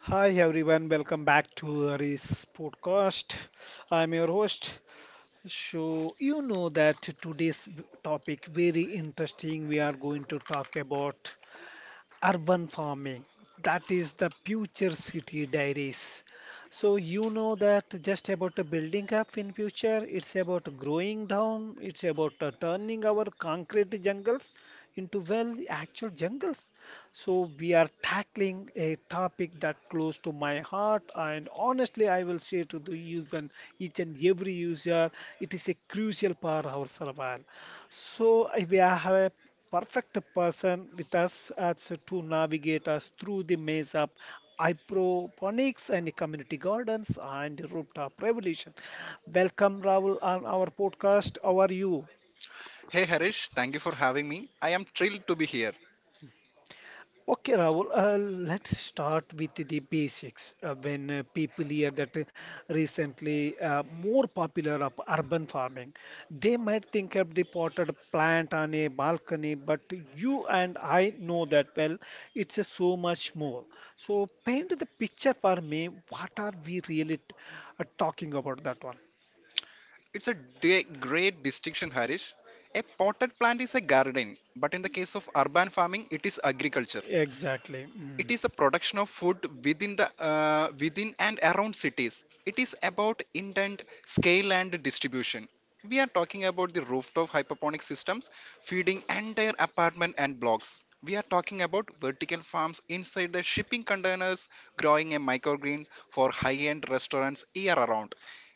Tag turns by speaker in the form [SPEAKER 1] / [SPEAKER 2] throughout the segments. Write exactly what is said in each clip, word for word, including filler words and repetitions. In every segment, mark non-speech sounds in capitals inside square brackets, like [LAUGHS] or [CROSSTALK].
[SPEAKER 1] Hi everyone, welcome back to Hari's podcast. I'm your host. So you know that today's topic very interesting. We are going to talk about, urban farming that is the future city diaries so you know that just about the building up in future it's about growing down it's about uh, turning our concrete jungles into well actual jungles so we are tackling a topic that close to my heart and honestly I will say to the user each and every user it is a crucial part of our survival so eh, we have a perfect person with us as to navigate us through the maze of hydroponics and community gardens and rooftop revolution. Welcome, Rahul, on our podcast. How are you?
[SPEAKER 2] Hey Harish, thank you for having me. I am thrilled to be here.
[SPEAKER 1] Okay, Rahul, uh, let's start with the basics. Uh, when uh, people hear that uh, recently uh, more popular of urban farming, they might think of the potted plant on a balcony, but you and I know that well, it's uh, so much more. So paint the picture for me. What are we really t- uh, talking about that one?
[SPEAKER 2] It's a de- great distinction, Harish. A potted plant is a garden, but in the case of urban farming, it is agriculture.
[SPEAKER 1] Exactly.
[SPEAKER 2] It
[SPEAKER 1] Mm.
[SPEAKER 2] is a production of food within the uh, within and around cities. It is about intent, scale, and distribution. We are talking about the rooftop hydroponic systems feeding entire apartment and blocks. We are talking about vertical farms inside the shipping containers, growing a microgreens for high end restaurants year around.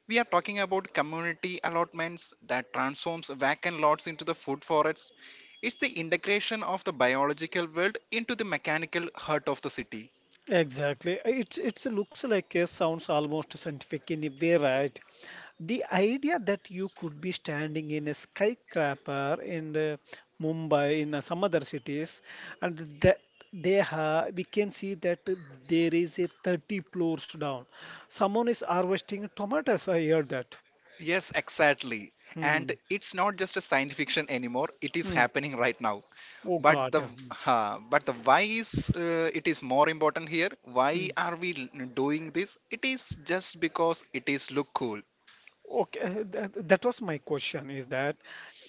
[SPEAKER 2] We are talking about community allotments that transforms vacant lots into the food forests. It's the integration of the biological world into the mechanical heart of the city.
[SPEAKER 1] Exactly. Uh, It's it's looks like a sounds almost scientific in a way, right? The idea that you could be standing in a skyscraper in uh, Mumbai, in uh, some other cities, and that they ha we can see that there is a thirty floors down. Someone is harvesting tomatoes. I heard that.
[SPEAKER 2] Yes, exactly.
[SPEAKER 1] Hmm.
[SPEAKER 2] And it's not just a science fiction anymore. It is
[SPEAKER 1] Hmm.
[SPEAKER 2] happening right now.
[SPEAKER 1] Oh
[SPEAKER 2] But
[SPEAKER 1] God.
[SPEAKER 2] the
[SPEAKER 1] Hmm.
[SPEAKER 2] uh, but the why is uh, it is more important here. Why
[SPEAKER 1] Hmm.
[SPEAKER 2] are we l- doing this? It is just because it is look cool.
[SPEAKER 1] Okay, that, that was my question is that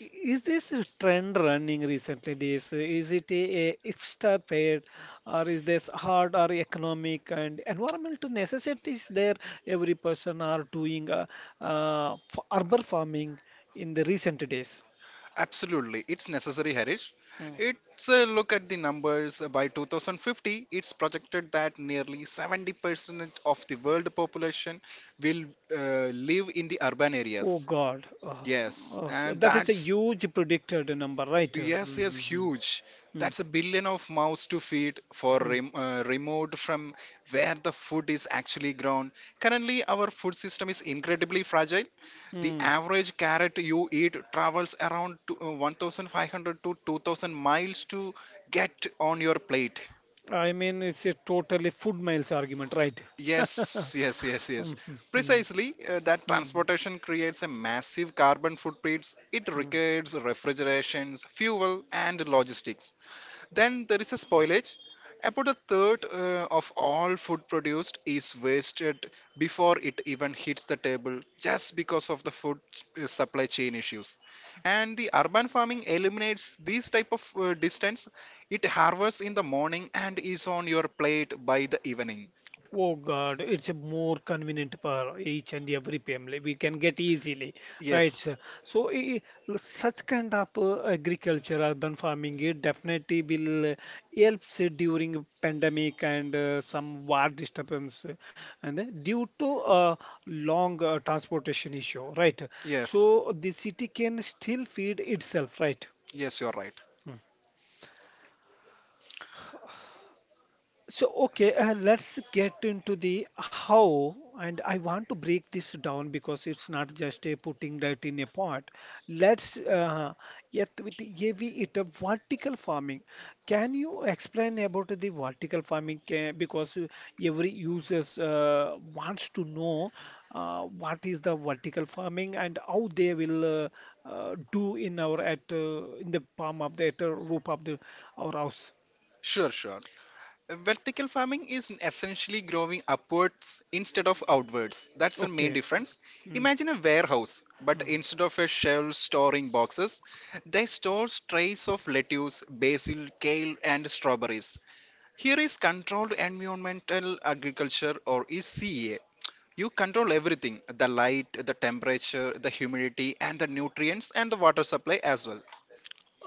[SPEAKER 1] i- is this a trend running recently? This is it a, a hipster fad or is this hard or economic and environmental necessities there? Every person are doing uh, uh, f- urban farming in the recent days.
[SPEAKER 2] Absolutely, it's necessary, Harish.
[SPEAKER 1] Mm.
[SPEAKER 2] It's a look at the numbers. Uh, By two thousand fifty, it's projected that nearly seventy percent of the world population will uh, live in the urban
[SPEAKER 1] Oh
[SPEAKER 2] areas.
[SPEAKER 1] God, oh,
[SPEAKER 2] Yes,
[SPEAKER 1] oh, so
[SPEAKER 2] and
[SPEAKER 1] that is a
[SPEAKER 2] that's
[SPEAKER 1] huge predicted number, right?
[SPEAKER 2] yes, yes,
[SPEAKER 1] Mm-hmm.
[SPEAKER 2] huge. That's a billion of mouths to feed for rem- uh, remote from where the food is actually grown. Currently, our food system is incredibly fragile. The
[SPEAKER 1] Mm-hmm.
[SPEAKER 2] average carrot you eat travels around to, uh, one thousand five hundred to two thousand miles to get on your plate.
[SPEAKER 1] I mean, it's a totally food miles argument, right? [LAUGHS]
[SPEAKER 2] Yes, yes, yes,
[SPEAKER 1] Mhm,
[SPEAKER 2] yes.
[SPEAKER 1] mhm,
[SPEAKER 2] Precisely, uh, that
[SPEAKER 1] mhm.
[SPEAKER 2] transportation creates a massive carbon footprint. It
[SPEAKER 1] Mhm.
[SPEAKER 2] requires refrigerations, fuel, and logistics. Then there is a spoilage. About a third uh, of all food produced is wasted before it even hits the table just because of the food uh, supply chain issues. And the urban farming eliminates these type of uh, distance. It harvests in the morning and is on your plate by the evening.
[SPEAKER 1] Oh God, it's a more convenient for each and every family. We can get easily, right?
[SPEAKER 2] Yes,
[SPEAKER 1] Sir? So i- Such kind of uh, agriculture, urban farming, it definitely will uh, helps uh, during pandemic and uh, some war disturbance, uh, and uh, due to uh, long uh, transportation issue, right?
[SPEAKER 2] yes,
[SPEAKER 1] So the city can still feed itself, right?
[SPEAKER 2] yes, you're right.
[SPEAKER 1] Hmm. So, okay, uh, let's get into the how, and I want to break this down because it's not just a putting that in a pot. Let's uh, yet with the heavy it a vertical farming. Can you explain about the vertical farming? Ca- Because uh, every users uh, wants to know uh, what is the vertical farming and how they will uh, uh, do in our at uh, in the palm of the at the roof of the our house.
[SPEAKER 2] Sure, sure. Vertical farming is essentially growing upwards instead of outwards. That's the main
[SPEAKER 1] Okay.
[SPEAKER 2] difference.
[SPEAKER 1] Hmm.
[SPEAKER 2] Imagine a warehouse, but
[SPEAKER 1] Mm.
[SPEAKER 2] instead of a shelf storing boxes, they store trays of lettuce, basil, kale, and strawberries. Here is controlled environmental agriculture, or is C E A. You control everything: the light, the temperature, the humidity, and the nutrients and the water supply as well.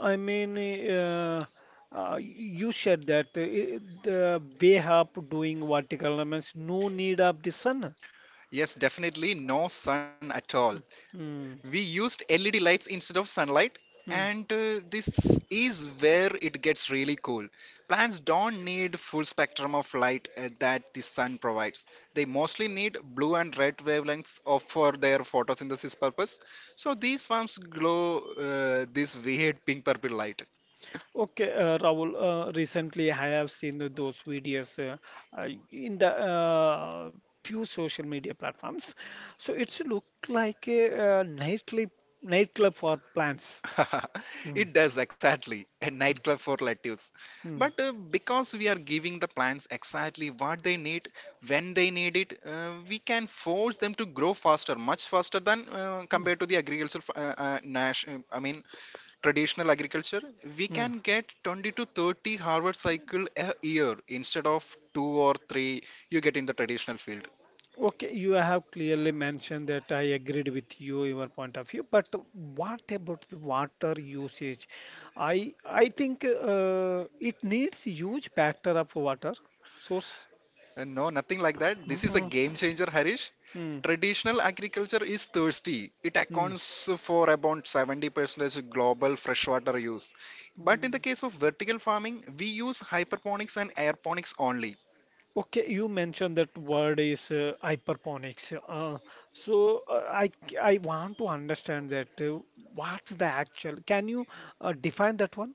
[SPEAKER 1] I mean, uh, uh, you said that uh, i- the way up doing vertical means no need of the sun.
[SPEAKER 2] Yes, definitely no sun at all. We
[SPEAKER 1] Hmm.
[SPEAKER 2] used L E D lights instead of sunlight, and
[SPEAKER 1] Mm.
[SPEAKER 2] uh, this is where it gets really cool. Plants don't need full spectrum of light uh, that the sun provides. They mostly need blue and red wavelengths of, for their photosynthesis purpose. So these farms glow uh, this weird pink purple light.
[SPEAKER 1] Okay, uh, Rahul, uh, recently I have seen the- those videos uh, uh, in the uh, few social media platforms. So it's look like a uh, nightly nightclub for plants.
[SPEAKER 2] [LAUGHS]
[SPEAKER 1] Mm,
[SPEAKER 2] It does exactly a nightclub for relatives.
[SPEAKER 1] mm,
[SPEAKER 2] But uh, because we are giving the plants exactly what they need when they need it, uh, we can force them to grow faster, much faster than uh,
[SPEAKER 1] mm,
[SPEAKER 2] compared to the agriculture, uh, uh, nash, uh, I mean traditional agriculture. We
[SPEAKER 1] mm.
[SPEAKER 2] can get twenty to thirty harvest cycle a year instead of two or three you get in the traditional field.
[SPEAKER 1] Okay, you have clearly mentioned that I agreed with you, your point of view. But what about the water usage? I I think uh, it needs huge factor of water source.
[SPEAKER 2] Uh, no, nothing like that. This is a
[SPEAKER 1] Mhm.
[SPEAKER 2] game changer, Harish.
[SPEAKER 1] Hmm.
[SPEAKER 2] Traditional agriculture is thirsty. It
[SPEAKER 1] Hmm.
[SPEAKER 2] accounts for about seventy percent global freshwater use. But in the
[SPEAKER 1] Mm.
[SPEAKER 2] case of vertical farming, we use hydroponics and aeroponics only.
[SPEAKER 1] Okay, you mentioned that word is uh, hyperponics. Uh, so uh, I c- I want to understand that uh, what's the actual? Can you uh, define that one?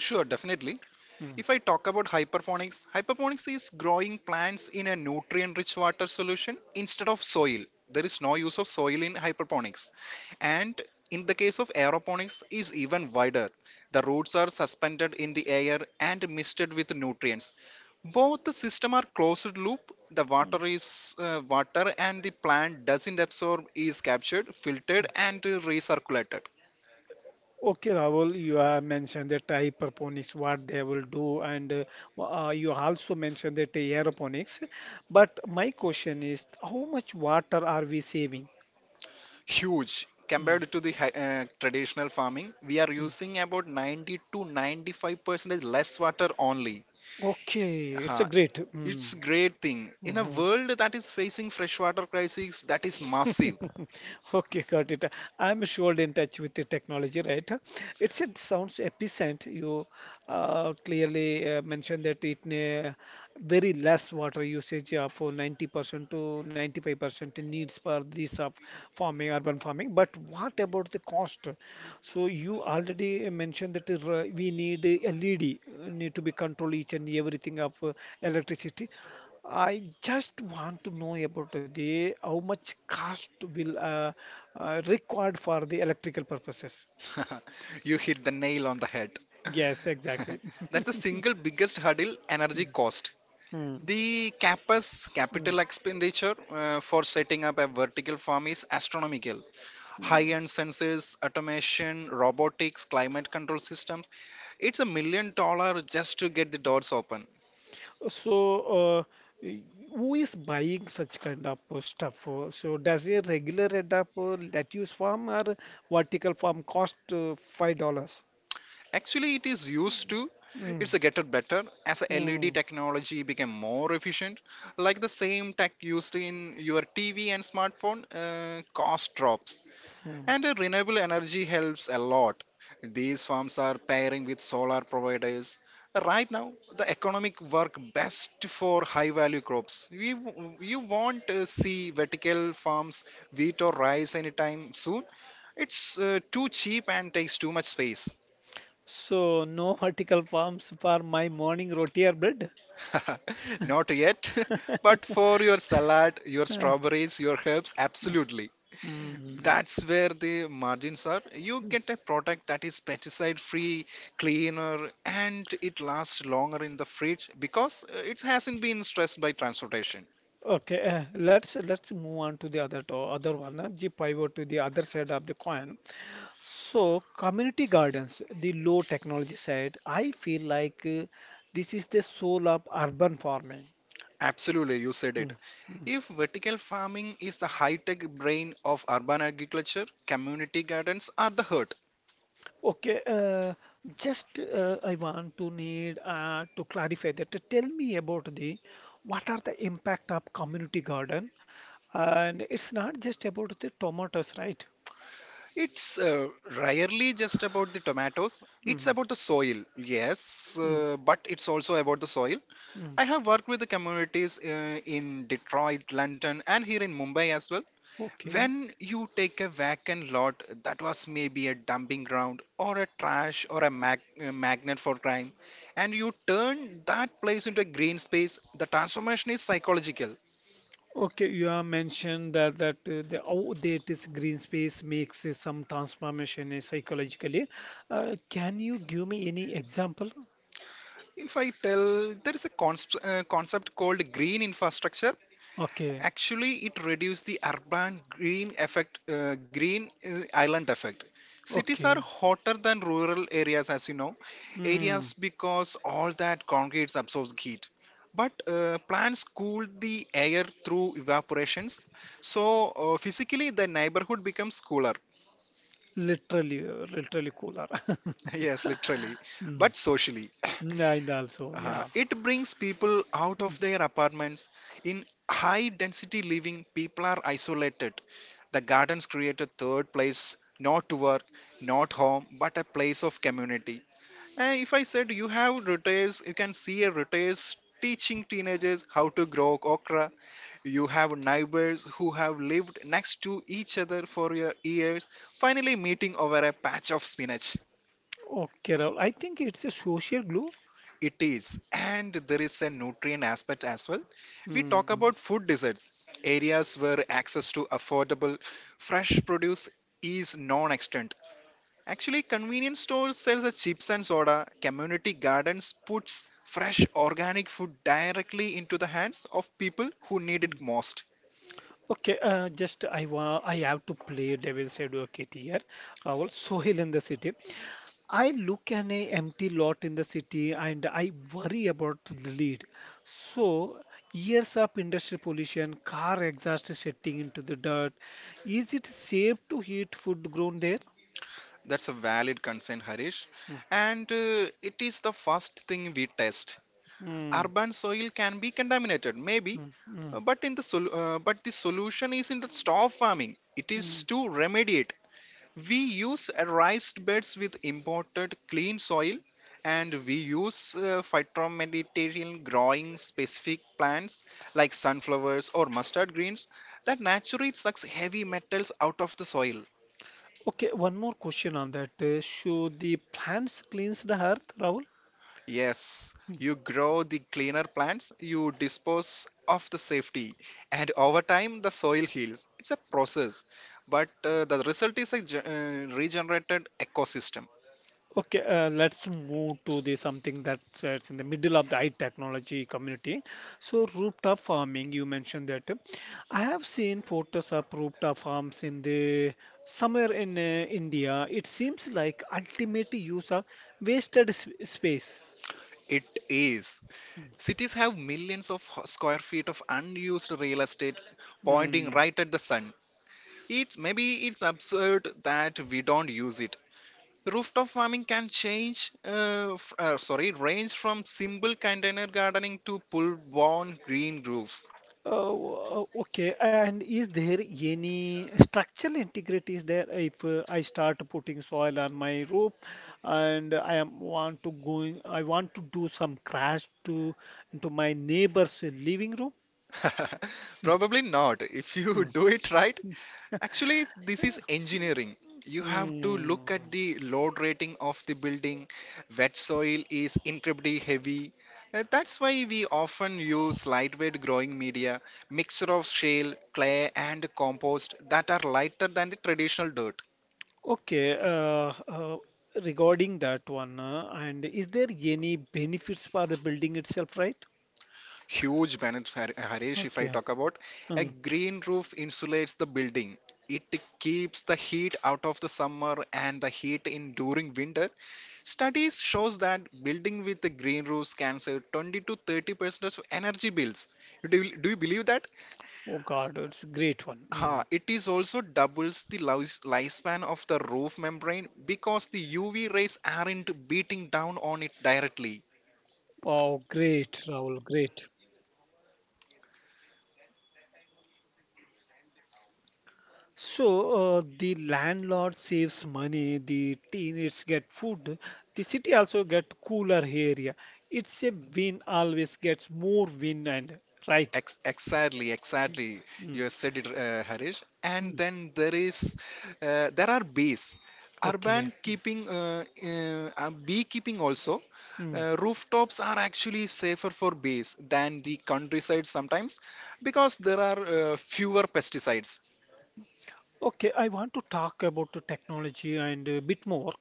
[SPEAKER 2] Sure, definitely.
[SPEAKER 1] Hmm.
[SPEAKER 2] If I talk about hydroponics, hydroponics is growing plants in a nutrient rich water solution instead of soil. There is no use of soil in hydroponics. And in the case of aeroponics is even wider. The roots are suspended in the air and misted with nutrients. Both the system are closed loop. The water is uh, water and the plant doesn't absorb is captured, filtered, and uh, recirculated.
[SPEAKER 1] Okay, Rahul, you have mentioned that hydroponics what they will do, and uh, w- uh, you also mentioned that aeroponics. But my question is, how much water are we saving?
[SPEAKER 2] Huge
[SPEAKER 1] Mm,
[SPEAKER 2] compared to the hi- uh, traditional farming. We are
[SPEAKER 1] mm.
[SPEAKER 2] using about ninety to ninety-five percent less water only.
[SPEAKER 1] Okay, it's a
[SPEAKER 2] Huh.
[SPEAKER 1] great. Mm,
[SPEAKER 2] It's great thing in a
[SPEAKER 1] mhm.
[SPEAKER 2] world that is facing freshwater crisis that is massive.
[SPEAKER 1] [LAUGHS] Okay, got it. I'm sure in touch with the technology, right? It's it sounds efficient. You uh, clearly uh, mentioned that it ne very less water usage uh, for ninety percent to ninety-five percent needs for this of farming, urban farming. But what about the cost? So you already mentioned that is, uh, we need a L E D, uh, need to be control each and everything of uh, electricity. I just want to know about the how much cost will uh, uh, required for the electrical purposes.
[SPEAKER 2] [LAUGHS] You hit the nail on the head.
[SPEAKER 1] Yes,
[SPEAKER 2] [LAUGHS]
[SPEAKER 1] exactly.
[SPEAKER 2] That's the
[SPEAKER 1] [LAUGHS]
[SPEAKER 2] single biggest hurdle energy cost.
[SPEAKER 1] Hmm,
[SPEAKER 2] The campus
[SPEAKER 1] hmm,
[SPEAKER 2] capital expenditure uh, for setting up a vertical farm is astronomical.
[SPEAKER 1] hmm.
[SPEAKER 2] High-end sensors, automation, robotics, climate control systems. It's a million dollar just to get the doors open.
[SPEAKER 1] So, uh, y- who is buying such kind of uh, stuff? Uh, So, does a regular red up uh, lettuce farm or vertical farm cost uh, five dollars?
[SPEAKER 2] Actually, it is used to
[SPEAKER 1] Mm,
[SPEAKER 2] it's a getter better as a L E D
[SPEAKER 1] mm,
[SPEAKER 2] technology became more efficient. Like the same tech used in your T V and smartphone, uh, cost drops.
[SPEAKER 1] mm.
[SPEAKER 2] And uh, renewable energy helps a lot. These farms are pairing with solar providers. Right now, the economic work best for high value crops. We, w- you won't uh, see vertical farms, wheat or rice anytime soon. It's uh, too cheap and takes too much space.
[SPEAKER 1] So, no [LAUGHS] vertical farms for my morning roti or bread.
[SPEAKER 2] [LAUGHS] Not yet, [LAUGHS] but for your salad, your
[SPEAKER 1] Huh.
[SPEAKER 2] strawberries, your herbs, absolutely.
[SPEAKER 1] Mm. [LAUGHS]
[SPEAKER 2] That's where the margins are. You get a product that is pesticide free, cleaner, and it lasts longer in the fridge because uh, it hasn't been stressed by transportation.
[SPEAKER 1] Okay, uh, let's let's move on to the other to other one, uh, the pivot to the other side of the coin. So, community gardens, the low technology side, I feel like uh, this is the soul of urban farming.
[SPEAKER 2] Absolutely, you said
[SPEAKER 1] Mm.
[SPEAKER 2] it. If vertical farming is the high tech brain of urban agriculture, community gardens are the heart.
[SPEAKER 1] Okay, uh, just uh, I want to need uh, to clarify that. Tell me about the what are the impact of community garden, and it's not just about the tomatoes, right?
[SPEAKER 2] It's uh, rarely just about the tomatoes, it's
[SPEAKER 1] Mm,
[SPEAKER 2] about the soil, yes,
[SPEAKER 1] mm,
[SPEAKER 2] uh, but it's also about the soil.
[SPEAKER 1] mm.
[SPEAKER 2] I have worked with the communities uh, in Detroit, London, and here in Mumbai as well.
[SPEAKER 1] Okay.
[SPEAKER 2] When you take a vacant lot that was maybe a dumping ground or a trash or a mag- uh, magnet for crime, and you turn that place into a green space, the transformation is psychological.
[SPEAKER 1] Okay, you have mentioned that that uh, the how there is green space makes uh, some transformation uh, psychologically. Uh, can you give me any example?
[SPEAKER 2] If I tell, there is a cons- uh, concept called green infrastructure.
[SPEAKER 1] Okay,
[SPEAKER 2] Actually, it reduces the urban green effect, uh, green uh, island effect. Cities are
[SPEAKER 1] okay.
[SPEAKER 2] hotter than rural areas, as you know,
[SPEAKER 1] Mm,
[SPEAKER 2] areas because all that concrete absorbs heat. But uh, plants cool the air through evaporations, so uh, physically the neighborhood becomes cooler.
[SPEAKER 1] literally, uh, literally cooler. [LAUGHS]
[SPEAKER 2] [LAUGHS] Yes, literally,
[SPEAKER 1] Mm,
[SPEAKER 2] but socially.
[SPEAKER 1] mm,
[SPEAKER 2] [COUGHS]
[SPEAKER 1] and also,
[SPEAKER 2] Uh,
[SPEAKER 1] yeah.
[SPEAKER 2] it brings people out of
[SPEAKER 1] Mm,
[SPEAKER 2] their apartments. In high density living, people are isolated. The gardens create a third place, not to work, not home, but a place of community. Uh, if I said you have retirees, you can see a retailers teaching teenagers how to grow okra. You have neighbors who have lived next to each other for your years, finally meeting over a patch of spinach.
[SPEAKER 1] okay, Rahul. I think it's a social glue.
[SPEAKER 2] It is, and there is a nutrient aspect as well. We talk
[SPEAKER 1] Mm.
[SPEAKER 2] about food deserts, areas where access to affordable fresh produce is non-extended. Actually, convenience stores sells the chips and soda. Community gardens puts fresh organic food directly into the hands of people who need
[SPEAKER 1] Mm.
[SPEAKER 2] it most.
[SPEAKER 1] Okay, uh, just I wa I have to play devil's advocate here, Rahul. Sohail in the city. I look at an empty lot in the city and I worry about the lead. So, years of industrial pollution, car exhaust is setting into the dirt. Is it safe to eat food grown there?
[SPEAKER 2] That's a valid concern, Harish.
[SPEAKER 1] Mm,
[SPEAKER 2] And uh, it is the first thing we test.
[SPEAKER 1] mm,
[SPEAKER 2] Urban soil can be contaminated, maybe,
[SPEAKER 1] mm, mm,
[SPEAKER 2] uh, but in the sol- uh, but the solution is in the stop farming. It
[SPEAKER 1] mm.
[SPEAKER 2] is to remediate. We use uh, raised beds with imported clean soil, and we use uh, phytomaterial growing specific plants like sunflowers or mustard greens that naturally sucks heavy metals out of the soil.
[SPEAKER 1] Okay, one more question on that. Uh, So, the plants cleans the earth, Rahul?
[SPEAKER 2] Yes, you grow the cleaner plants, you dispose of the safety, and over time the soil heals. It's a process, but uh, the result is a ge- uh, regenerated ecosystem.
[SPEAKER 1] Okay, uh, let's move to the something that's uh, it's in the middle of the high technology community. So rooftop farming, you mentioned that. I have seen photos of rooftop farms in the somewhere in uh, India. It seems like ultimate use of wasted sp space.
[SPEAKER 2] It is. Cities have millions of square feet of unused real estate pointing
[SPEAKER 1] Mm.
[SPEAKER 2] right at the sun. It's maybe it's absurd that we don't use it. Rooftop farming can change, uh, f- uh, sorry, range from simple container gardening to full-blown green roofs.
[SPEAKER 1] Oh, uh, okay. And is there any structural integrity is there if uh, I start putting soil on my roof and I am want to going I want to do some crash to into my neighbor's living room?
[SPEAKER 2] [LAUGHS] Probably not if
[SPEAKER 1] Hmm.
[SPEAKER 2] you [LAUGHS] do it right. Actually, this is engineering. You have to
[SPEAKER 1] Hmm.
[SPEAKER 2] look at the load rating of the building. Wet soil is incredibly heavy. Uh, That's why we often use lightweight growing media, mixture of shale, clay, and compost that are lighter than the traditional dirt.
[SPEAKER 1] Okay, uh, uh, regarding that one, uh, and is there any benefits for the building itself, right?
[SPEAKER 2] Huge benefit, Har- Harish, if I
[SPEAKER 1] Okay.
[SPEAKER 2] talk about a
[SPEAKER 1] Hmm.
[SPEAKER 2] green roof insulates the building. It keeps the heat out of the summer and the heat in during winter. Studies shows that building with the green roofs can save twenty to thirty percent of energy bills. Do you, do you believe that?
[SPEAKER 1] Oh God, it's great one. Hmm.
[SPEAKER 2] Huh, it is also doubles the life- lifespan of the roof membrane because the U V rays aren't beating down on it directly.
[SPEAKER 1] Wow, great, Rahul, great. So, uh, the landlord saves money, the teenagers get food, the city also get cooler area. It's a win always gets more win and right.
[SPEAKER 2] Ex- exactly, exactly.
[SPEAKER 1] Mm,
[SPEAKER 2] You said it, uh, Harish. And
[SPEAKER 1] mm,
[SPEAKER 2] then there is, uh, there are bees.
[SPEAKER 1] okay.
[SPEAKER 2] Urban keeping, uh, uh, uh, beekeeping also.
[SPEAKER 1] Mm.
[SPEAKER 2] Uh, rooftops are actually safer for bees than the countryside sometimes because there are uh, fewer pesticides.
[SPEAKER 1] Okay, I want to talk about the technology and a bit more.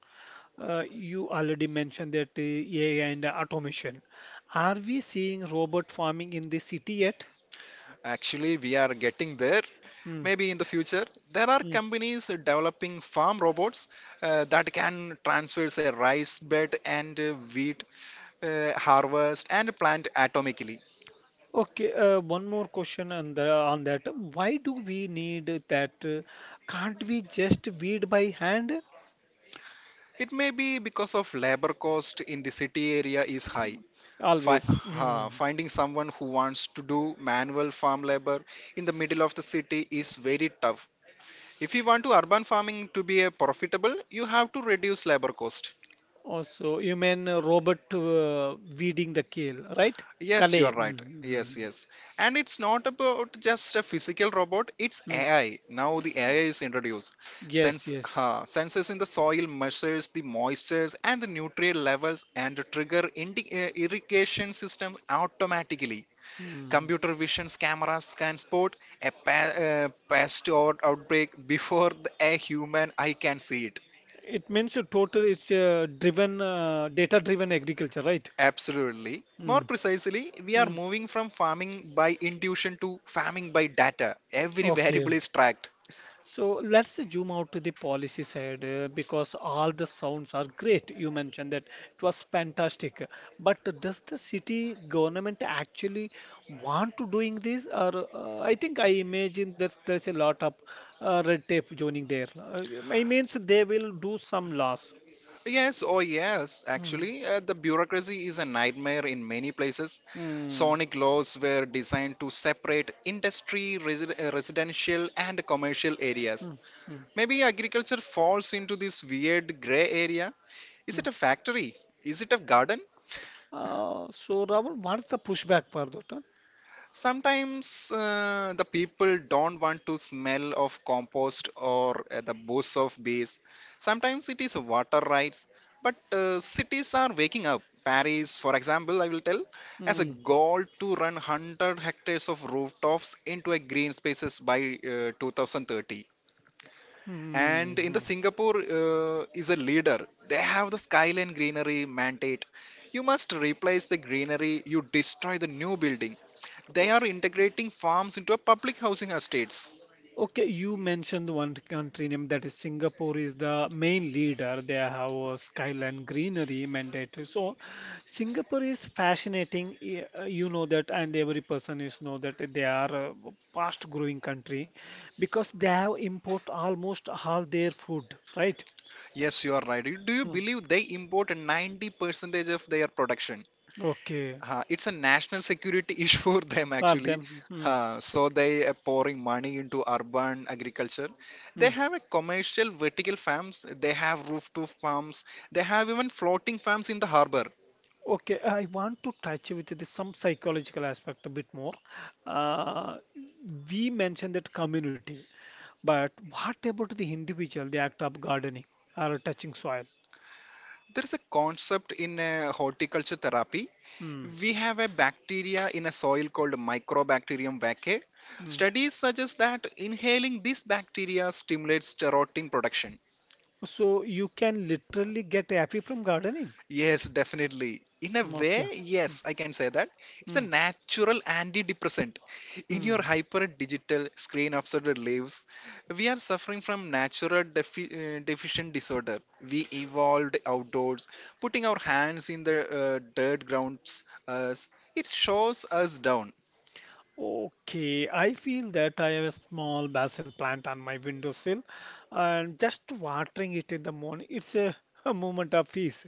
[SPEAKER 1] Uh, you already mentioned that uh, A I and automation. Are we seeing robot farming in the city yet?
[SPEAKER 2] Actually, we are getting there.
[SPEAKER 1] Mm,
[SPEAKER 2] Maybe in the future, there are companies developing farm robots uh, that can transfer, say, rice bed and uh, wheat uh, harvest and plant atomically.
[SPEAKER 1] okay, uh, one more question on the, on that. Why do we need that? uh, Can't we just weed by hand?
[SPEAKER 2] It may be because of labor cost in the city area is high. Fi-
[SPEAKER 1] Always.
[SPEAKER 2] uh,
[SPEAKER 1] Mm.
[SPEAKER 2] Finding someone who wants to do manual farm labor in the middle of the city is very tough. If you want to urban farming to be a profitable, you have to reduce labor cost.
[SPEAKER 1] Also, you mean uh, robot uh, weeding the kale, right?
[SPEAKER 2] Yes, you are
[SPEAKER 1] Kale.
[SPEAKER 2] right.
[SPEAKER 1] Mm.
[SPEAKER 2] Yes,
[SPEAKER 1] Mm.
[SPEAKER 2] yes. And it's not about just a physical robot, it's
[SPEAKER 1] Mm.
[SPEAKER 2] A I. Now the A I is introduced.
[SPEAKER 1] Yes,
[SPEAKER 2] Sense,
[SPEAKER 1] yes.
[SPEAKER 2] uh, sensors in the soil measures the moistures and the nutrient levels and trigger indi- uh, irrigation systems automatically.
[SPEAKER 1] Mm.
[SPEAKER 2] Computer visions cameras can spot a pa- uh, pest or outbreak before the- a human eye can see it.
[SPEAKER 1] It means a total it's uh, driven uh, data-driven agriculture, right?
[SPEAKER 2] Absolutely. More
[SPEAKER 1] Mm.
[SPEAKER 2] precisely, we are
[SPEAKER 1] Mm.
[SPEAKER 2] moving from farming by intuition to farming by data. Every
[SPEAKER 1] Okay.
[SPEAKER 2] variable is tracked.
[SPEAKER 1] So let's zoom out to the policy side uh, because all the sounds are great. You mentioned that it was fantastic, but does the city government actually want to doing this? Or uh, I think I imagine that there's a lot of uh, red tape joining there. Uh, I means they will do some laws.
[SPEAKER 2] Yes, oh yes,
[SPEAKER 1] Hmm.
[SPEAKER 2] actually, uh, the bureaucracy is a nightmare in many places.
[SPEAKER 1] Hmm.
[SPEAKER 2] Sonic laws were designed to separate industry, resi- uh, residential, and commercial
[SPEAKER 1] Hmm.
[SPEAKER 2] areas.
[SPEAKER 1] Hmm.
[SPEAKER 2] Maybe agriculture falls into this weird gray area. Is
[SPEAKER 1] Hmm.
[SPEAKER 2] it a factory? Is it a garden?
[SPEAKER 1] Uh, so Rahul, what's the pushback for that? Huh?
[SPEAKER 2] Sometimes uh, the people don't want to smell of compost or uh, the booze of bees. Sometimes it is water rights. But uh, cities are waking up. Paris, for example, I will tell, as a
[SPEAKER 1] Hmm.
[SPEAKER 2] goal to run one hundred hectares of rooftops into a green spaces by uh, two thousand thirty.
[SPEAKER 1] Hmm.
[SPEAKER 2] And in the
[SPEAKER 1] Hmm.
[SPEAKER 2] Singapore uh, is a leader. They have the skyline greenery mandate. You must replace the greenery, you destroy the new building. They are integrating farms into a public housing estates.
[SPEAKER 1] Okay, you mentioned one country name that is Singapore is the main leader. They have a skyline greenery mandate. So Singapore is fascinating. y- uh, You know that, and every person is know that they are a fast growing country because they have import almost all their food, right?
[SPEAKER 2] Yes, you are right. Do you
[SPEAKER 1] Hmm.
[SPEAKER 2] believe they import ninety percent of their production?
[SPEAKER 1] Okay,
[SPEAKER 2] Uh, it's a national security [LAUGHS] issue for them
[SPEAKER 1] for
[SPEAKER 2] actually.
[SPEAKER 1] them. Hmm,
[SPEAKER 2] Uh, so they are pouring money into urban agriculture.
[SPEAKER 1] hmm.
[SPEAKER 2] They have a commercial vertical farms. They have rooftop farms. They have even floating farms in the harbor.
[SPEAKER 1] Okay, I want to touch with this some psychological aspect a bit more. Uh, we mentioned that community. But what about the individual, the act of gardening or touching soil?
[SPEAKER 2] There is a concept in uh, horticulture therapy.
[SPEAKER 1] Hmm.
[SPEAKER 2] We have a bacteria in a soil called Microbacterium vaccae.
[SPEAKER 1] Hmm.
[SPEAKER 2] Studies suggest that inhaling this bacteria stimulates keratin production.
[SPEAKER 1] So you can literally get happy from gardening.
[SPEAKER 2] Yes, definitely. In a
[SPEAKER 1] Hmm,
[SPEAKER 2] way,
[SPEAKER 1] okay. Hmm.
[SPEAKER 2] yes, I can say that. It's a
[SPEAKER 1] Hmm.
[SPEAKER 2] natural antidepressant. In your
[SPEAKER 1] Hmm.
[SPEAKER 2] hyper digital screen obsessed lives, we are suffering from natural defi- uh, deficient disorder. We evolved outdoors, putting our hands in the uh, dirt grounds us. It shows us down.
[SPEAKER 1] Okay, I feel that I have a small basil plant on my windowsill and just watering it in the morning, it's a, [LAUGHS] a moment of peace.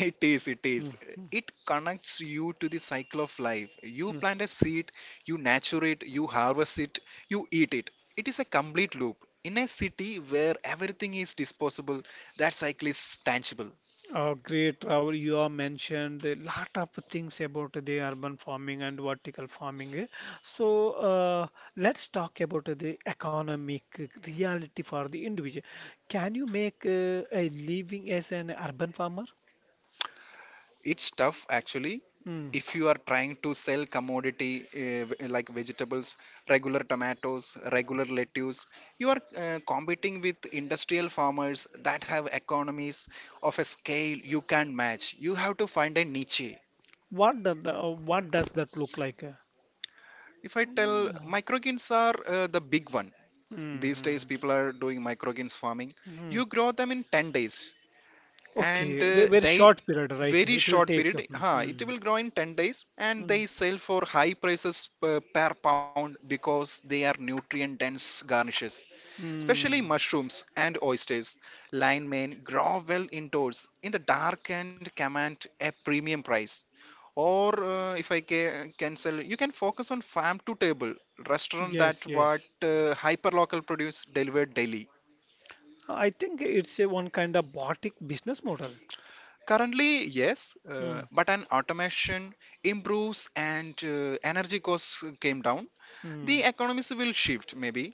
[SPEAKER 2] It is, it
[SPEAKER 1] Hmm.
[SPEAKER 2] is.
[SPEAKER 1] Hmm.
[SPEAKER 2] It connects you to the cycle of life. You
[SPEAKER 1] Hmm.
[SPEAKER 2] plant a seed, you nurture it, you harvest it, you eat it. It is a complete loop. In a city where everything is disposable, that cycle is tangible.
[SPEAKER 1] Oh, great, Rahul. You have mentioned a lot of things about the urban farming and vertical farming. Eh. So, uh, let's talk about the economic reality for the individual. Can you make uh, a living as an urban farmer?
[SPEAKER 2] It's tough actually.
[SPEAKER 1] Hmm.
[SPEAKER 2] If you are trying to sell commodity uh, v- like vegetables, regular tomatoes, regular lettuce, you are uh, competing with industrial farmers that have economies of a scale you can't match. You have to find a niche.
[SPEAKER 1] What does the, uh, what does that look like? Eh?
[SPEAKER 2] If I tell
[SPEAKER 1] Yeah.
[SPEAKER 2] microgreens are uh, the big one. These days
[SPEAKER 1] Mhm.
[SPEAKER 2] people are doing microgreens farming. You
[SPEAKER 1] Mhm.
[SPEAKER 2] grow them in ten days and
[SPEAKER 1] Okay, ve-
[SPEAKER 2] uh,
[SPEAKER 1] very
[SPEAKER 2] they
[SPEAKER 1] short period, right?
[SPEAKER 2] very
[SPEAKER 1] It will
[SPEAKER 2] short
[SPEAKER 1] take.
[SPEAKER 2] period. Huh, it will
[SPEAKER 1] Mhm.
[SPEAKER 2] grow in ten days and they
[SPEAKER 1] Mhm.
[SPEAKER 2] sell for high prices per, per pound because they are nutrient dense garnishes. Especially
[SPEAKER 1] Mm.
[SPEAKER 2] mushrooms and oysters. Lion mane grow well indoors in the dark and command a premium price, or uh, if I ca- can sell. You can focus on farm to table restaurant
[SPEAKER 1] Yes,
[SPEAKER 2] that what
[SPEAKER 1] yes.
[SPEAKER 2] uh, hyperlocal produce delivered daily.
[SPEAKER 1] I think it's a one kind of boutique business model.
[SPEAKER 2] Currently yes, uh,
[SPEAKER 1] Mm,
[SPEAKER 2] but an automation improves and uh, energy costs came down, the
[SPEAKER 1] mm.
[SPEAKER 2] economies will shift. Maybe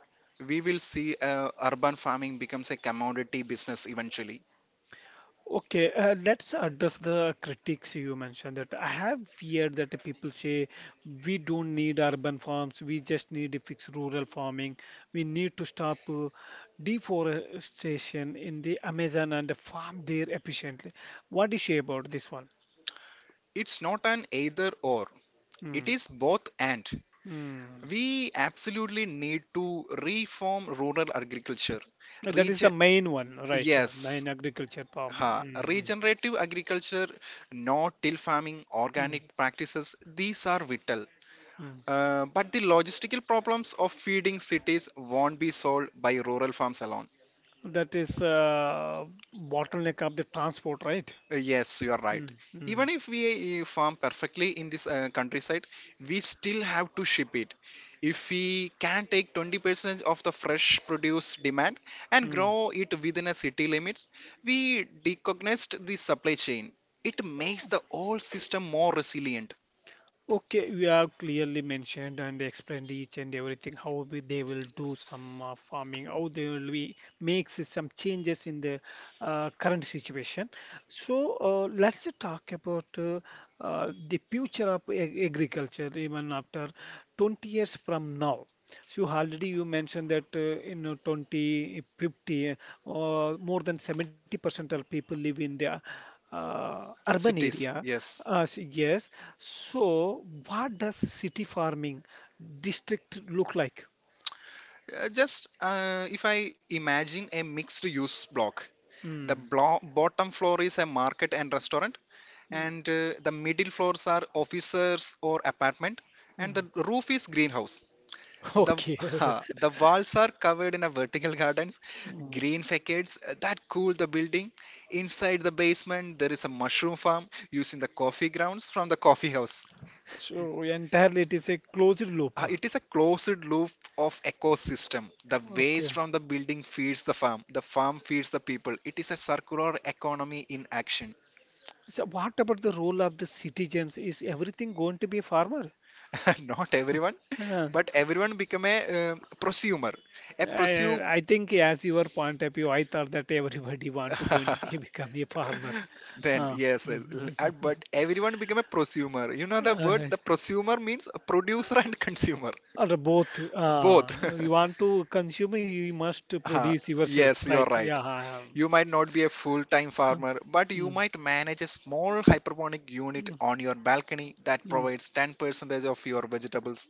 [SPEAKER 2] we will see uh, urban farming becomes a commodity business eventually.
[SPEAKER 1] Okay, uh, let's address the critics you mentioned that I have feared that the people say we don't need urban farms, we just need a fixed rural farming. We need to stop uh, deforestation in the Amazon and farm there efficiently. What do you say about this one?
[SPEAKER 2] It's not an either or, it
[SPEAKER 1] Mm,
[SPEAKER 2] is both and,
[SPEAKER 1] mm.
[SPEAKER 2] we absolutely need to reform rural agriculture.
[SPEAKER 1] That is the
[SPEAKER 2] rege-
[SPEAKER 1] main one, right? uh,
[SPEAKER 2] Yes,
[SPEAKER 1] Main agriculture
[SPEAKER 2] huh.
[SPEAKER 1] farming.
[SPEAKER 2] Regenerative agriculture, no-till farming,
[SPEAKER 1] Mhm, mm,
[SPEAKER 2] organic practices, these are vital.
[SPEAKER 1] mm.
[SPEAKER 2] Uh, but the logistical problems of feeding cities won't be solved by rural farms alone.
[SPEAKER 1] That is uh, bottleneck of the transport, right?
[SPEAKER 2] Uh, Yes, you are right.
[SPEAKER 1] Mm, mm,
[SPEAKER 2] Even if we uh, farm perfectly in this uh, countryside, we still have to ship it. If we can take twenty percent of the fresh produce demand and
[SPEAKER 1] mm.
[SPEAKER 2] grow it within a city limits, we decognized the supply chain. It makes the whole system more resilient.
[SPEAKER 1] Okay, we have clearly mentioned and explained each and everything how we, they will do some uh, farming, how they will be makes some changes in the uh, current situation. So uh, let's talk about uh, uh, the future of ag- agriculture even after twenty years from now. So already you mentioned that uh, in uh, twenty fifty, uh, more than seventy percent of people live in the uh, urban
[SPEAKER 2] Cities,
[SPEAKER 1] area.
[SPEAKER 2] yes.
[SPEAKER 1] Uh, s- yes, so, what does city farming district look like?
[SPEAKER 2] Uh, just uh, If I imagine a mixed use block, the
[SPEAKER 1] Hmm.
[SPEAKER 2] blo- bottom floor is a market and restaurant,
[SPEAKER 1] Hmm.
[SPEAKER 2] and uh, the middle floors are officers or apartment, and
[SPEAKER 1] Hmm.
[SPEAKER 2] the roof is greenhouse. The
[SPEAKER 1] Okay.
[SPEAKER 2] [LAUGHS]
[SPEAKER 1] [LAUGHS]
[SPEAKER 2] the walls are covered in a vertical gardens,
[SPEAKER 1] Hmm.
[SPEAKER 2] green facades uh, that cool the building. Inside the basement there is a mushroom farm using the coffee grounds from the coffee house.
[SPEAKER 1] So entirely it is a closed loop.
[SPEAKER 2] Uh, it is a closed loop of ecosystem. The
[SPEAKER 1] Okay.
[SPEAKER 2] waste from the building feeds the farm, the farm feeds the people, it is a circular economy in action.
[SPEAKER 1] So what about the role of the citizens? Is everything going to be a farmer?
[SPEAKER 2] [LAUGHS] Not everyone,
[SPEAKER 1] Huh.
[SPEAKER 2] but everyone become a um, prosumer. A
[SPEAKER 1] I,
[SPEAKER 2] prosumer.
[SPEAKER 1] I think as your point of view, I thought that everybody [LAUGHS] want to going to be [LAUGHS]
[SPEAKER 2] [LAUGHS]
[SPEAKER 1] become a farmer.
[SPEAKER 2] Then yes, yes, l- uh, but everyone become a prosumer. You know the
[SPEAKER 1] Uh,
[SPEAKER 2] word.
[SPEAKER 1] [LAUGHS]
[SPEAKER 2] The prosumer means a producer and [LAUGHS] consumer,
[SPEAKER 1] Or both.
[SPEAKER 2] both.
[SPEAKER 1] Uh, you want
[SPEAKER 2] [LAUGHS]
[SPEAKER 1] to consume, you must
[SPEAKER 2] Ah,
[SPEAKER 1] produce yourself,
[SPEAKER 2] yes, you're
[SPEAKER 1] right? Yeah.
[SPEAKER 2] right.
[SPEAKER 1] I am.
[SPEAKER 2] You might not be a full-time
[SPEAKER 1] Um,
[SPEAKER 2] farmer, but you
[SPEAKER 1] mm,
[SPEAKER 2] might manage a small hydroponic unit
[SPEAKER 1] mm,
[SPEAKER 2] on your balcony that
[SPEAKER 1] mm,
[SPEAKER 2] provides ten percent of your vegetables.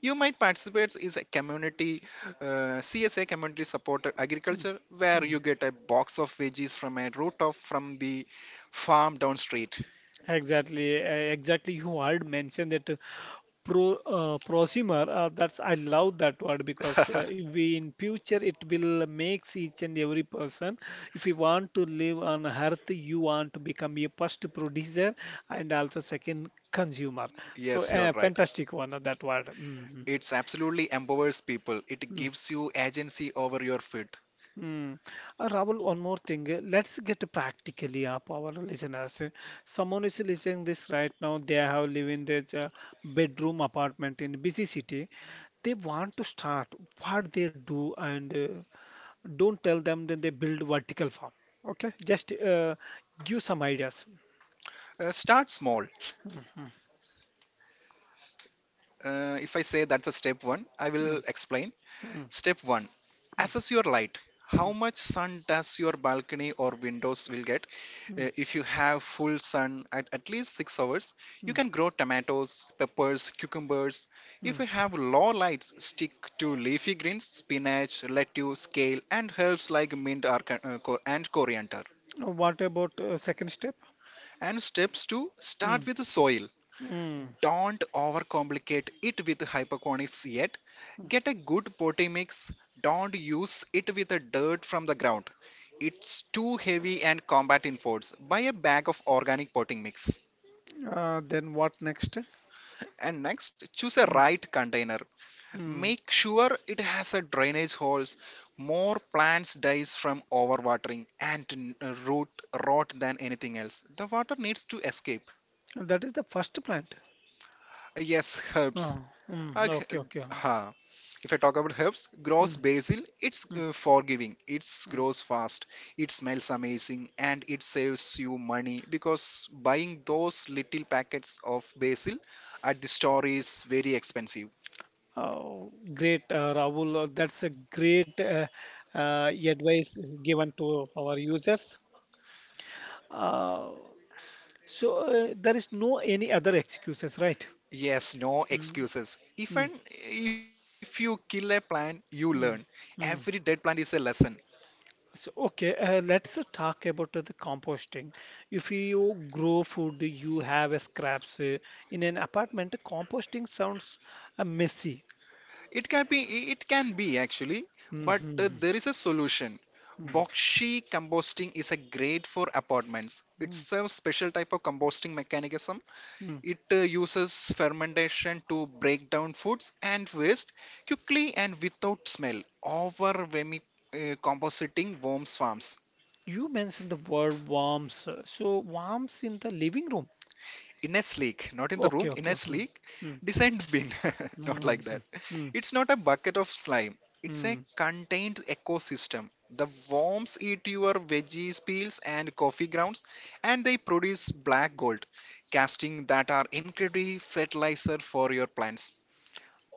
[SPEAKER 2] You might participate is a community uh, C S A, community supported
[SPEAKER 1] mm,
[SPEAKER 2] agriculture, where
[SPEAKER 1] mm.
[SPEAKER 2] you get a box of veggies from a rooftop, from the farm down street.
[SPEAKER 1] Exactly. uh, Exactly. You had mentioned that uh, pro uh, prosumer. Uh, that's I love that word because uh,
[SPEAKER 2] [LAUGHS]
[SPEAKER 1] if we in future it will makes each and every person. If you want to live on earth, you want to become a first producer and also second consumer. So
[SPEAKER 2] Yes, you're
[SPEAKER 1] uh,
[SPEAKER 2] right.
[SPEAKER 1] fantastic one uh, that word. Mhm.
[SPEAKER 2] It's absolutely empowers people. It gives you agency over your food.
[SPEAKER 1] Hmm. Uh, Rahul, one more thing. uh, Let's get practically up our listeners. Uh, Someone is listening this right now. They have live in their uh, bedroom apartment in busy city. They want to start what they do and uh, don't tell them that they build vertical farm. Okay, just uh, give some ideas.
[SPEAKER 2] Uh, start small. Uh, if I say that's a step one, I will
[SPEAKER 1] Mm,
[SPEAKER 2] explain.
[SPEAKER 1] mm,
[SPEAKER 2] Step one, assess your light.
[SPEAKER 1] mm,
[SPEAKER 2] How much sun does your balcony or windows will get?
[SPEAKER 1] mm,
[SPEAKER 2] Uh, if you have full sun at at least six hours, you
[SPEAKER 1] mm,
[SPEAKER 2] can grow tomatoes, peppers, cucumbers. If
[SPEAKER 1] mm.
[SPEAKER 2] you have low lights, stick to leafy greens, spinach, lettuce, kale, and herbs like mint or, ca- uh, co- and coriander.
[SPEAKER 1] Uh, what about uh, second step?
[SPEAKER 2] And steps to start
[SPEAKER 1] Mm,
[SPEAKER 2] with the soil,
[SPEAKER 1] mm.
[SPEAKER 2] don't overcomplicate it with hyperconics yet. Get a good potting mix, don't use it with the dirt from the ground, it's too heavy and combat imports. Buy a bag of organic potting mix.
[SPEAKER 1] Uh, then what next?
[SPEAKER 2] And next, choose a
[SPEAKER 1] Mm,
[SPEAKER 2] right container.
[SPEAKER 1] mm.
[SPEAKER 2] Make sure it has a drainage holes. More plants dies from overwatering and n- uh, root rot than anything else. The water needs to escape.
[SPEAKER 1] That is the first plant.
[SPEAKER 2] Yes, herbs.
[SPEAKER 1] Uh,
[SPEAKER 2] Uh,
[SPEAKER 1] mm,
[SPEAKER 2] g-
[SPEAKER 1] okay, okay. Um,
[SPEAKER 2] huh. If I talk about herbs, grows
[SPEAKER 1] mm,
[SPEAKER 2] basil. It's
[SPEAKER 1] mm,
[SPEAKER 2] uh, forgiving. It
[SPEAKER 1] mm.
[SPEAKER 2] grows fast. It smells amazing, and it saves you money because buying those little packets of basil at the store is very expensive.
[SPEAKER 1] Oh, great, uh, Rahul. uh, That's a great uh, uh, advice given to our users. Uh, so uh, there is no any other excuses, right?
[SPEAKER 2] Yes, no
[SPEAKER 1] Mm,
[SPEAKER 2] excuses.
[SPEAKER 1] mm,
[SPEAKER 2] Even if you kill a plant, you learn.
[SPEAKER 1] mm,
[SPEAKER 2] Every
[SPEAKER 1] mm.
[SPEAKER 2] dead plant is a lesson.
[SPEAKER 1] So, okay, uh, let's uh, talk about uh, the composting. If you grow food, you have a scraps uh, in an apartment. Composting sounds uh, messy.
[SPEAKER 2] It can be, it can be actually, but uh, there is a solution.
[SPEAKER 1] Mm-hmm.
[SPEAKER 2] Boxy composting is a great for apartments. It's a special type of composting mechanism. It uh, uses fermentation to break down foods and waste quickly and without smell. Over vermi uh, composting worms farms.
[SPEAKER 1] You mentioned the word warms. uh, So warms in the living room.
[SPEAKER 2] In a sleek, not in the
[SPEAKER 1] Okay,
[SPEAKER 2] room, in
[SPEAKER 1] okay.
[SPEAKER 2] a
[SPEAKER 1] Hmm.
[SPEAKER 2] sleek,
[SPEAKER 1] Hmm.
[SPEAKER 2] descent bin. [LAUGHS] Not
[SPEAKER 1] Hmm.
[SPEAKER 2] like that.
[SPEAKER 1] Hmm. Hmm.
[SPEAKER 2] It's not a bucket of slime. It's a
[SPEAKER 1] Hmm.
[SPEAKER 2] contained ecosystem. The worms eat your veggies, peels, and coffee grounds, and they produce black gold, casting that are incredibly fertilizer for your plants.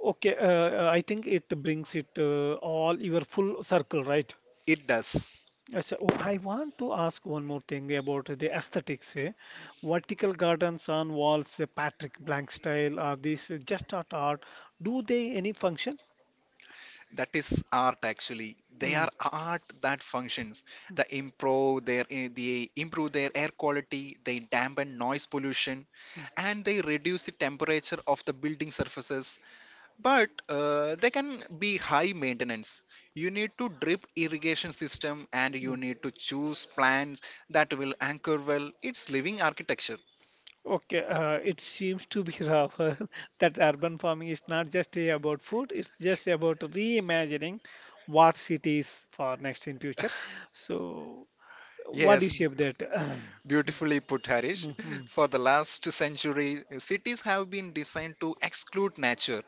[SPEAKER 1] Okay, uh, uh, I think it brings it uh, all your full circle, right?
[SPEAKER 2] It does.
[SPEAKER 1] Uh, so, oh, I want to ask one more thing about the aesthetics. Eh. Vertical gardens on walls, eh, Patrick Blank style, are these eh, just art art? Do they any function?
[SPEAKER 2] That is art, actually. They
[SPEAKER 1] Hmm.
[SPEAKER 2] are art that functions. They improve their eh, they improve their air quality. They dampen noise pollution and they reduce the temperature of the building surfaces, but uh, they can be high maintenance. You need to drip irrigation system, and you need to choose plants that will anchor well. Its living architecture.
[SPEAKER 1] Okay, uh, it seems to be rough [LAUGHS] that urban farming is not just a about food, it's just about reimagining what cities for next in future. So, what do you
[SPEAKER 2] yes b-
[SPEAKER 1] shape that? [CLEARS THROAT]
[SPEAKER 2] Beautifully put, Harish.
[SPEAKER 1] Mhm.
[SPEAKER 2] For the last century cities have been designed to exclude nature.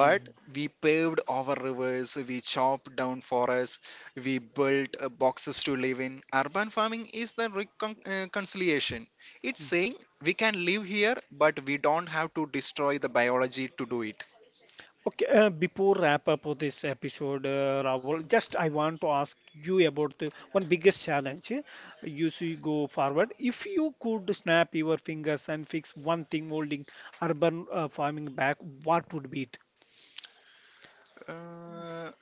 [SPEAKER 2] But we paved our rivers, we chopped down forests, we built uh, boxes to live in. Urban farming is the recon- uh, conciliation. It's saying we can live here, but we don't have to destroy the biology to do it.
[SPEAKER 1] Okay, uh, before wrap up of this episode, uh, Rahul, just I want to ask you about the one biggest challenge uh, you see go forward. If you could snap your fingers and fix one thing holding urban uh, farming back, what would be it?
[SPEAKER 2] Uh,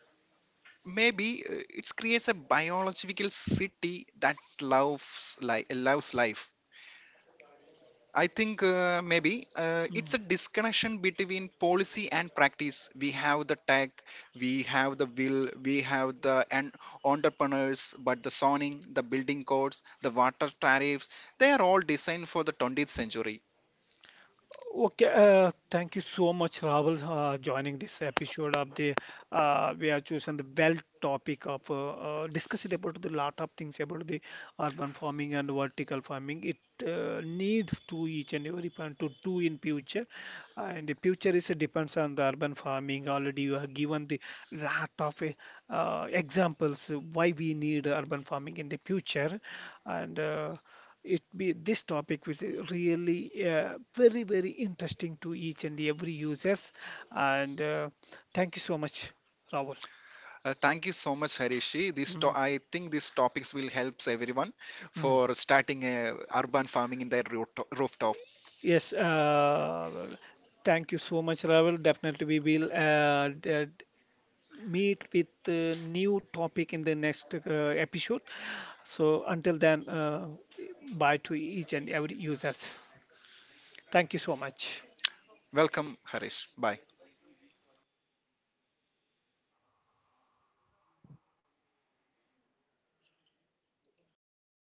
[SPEAKER 2] maybe uh, it creates a biological city that loves, li- loves life. I think uh, maybe uh,
[SPEAKER 1] Hmm.
[SPEAKER 2] it's a disconnection between policy and practice. We have the tech, we have the will, we have the en- entrepreneurs, but the zoning, the building codes, the water tariffs, they are all designed for the twentieth century.
[SPEAKER 1] Okay, uh, thank you so much, Rahul, uh, joining this episode of the uh, we have chosen the well topic of uh, uh, discussing about the lot of things about the urban farming and vertical farming. It uh, needs to each and every one to do in future, and the future is uh, depends on the urban farming. Already you have given the lot of uh, uh, examples why we need urban farming in the future, and uh, it be this topic was really uh, very very interesting to each and every users and uh, thank you so much Rahul.
[SPEAKER 2] Uh, thank you so much, Harishi. This to-
[SPEAKER 1] Mm,
[SPEAKER 2] I think these topics will help everyone
[SPEAKER 1] mm.
[SPEAKER 2] for starting a urban farming in their root- rooftop.
[SPEAKER 1] Yes, uh, thank you so much, Rahul. Definitely, we will uh, d- d- meet with a new topic in the next uh, episode. So until then, uh, bye to each and every users. Thank you so much.
[SPEAKER 2] Welcome, Harish. Bye.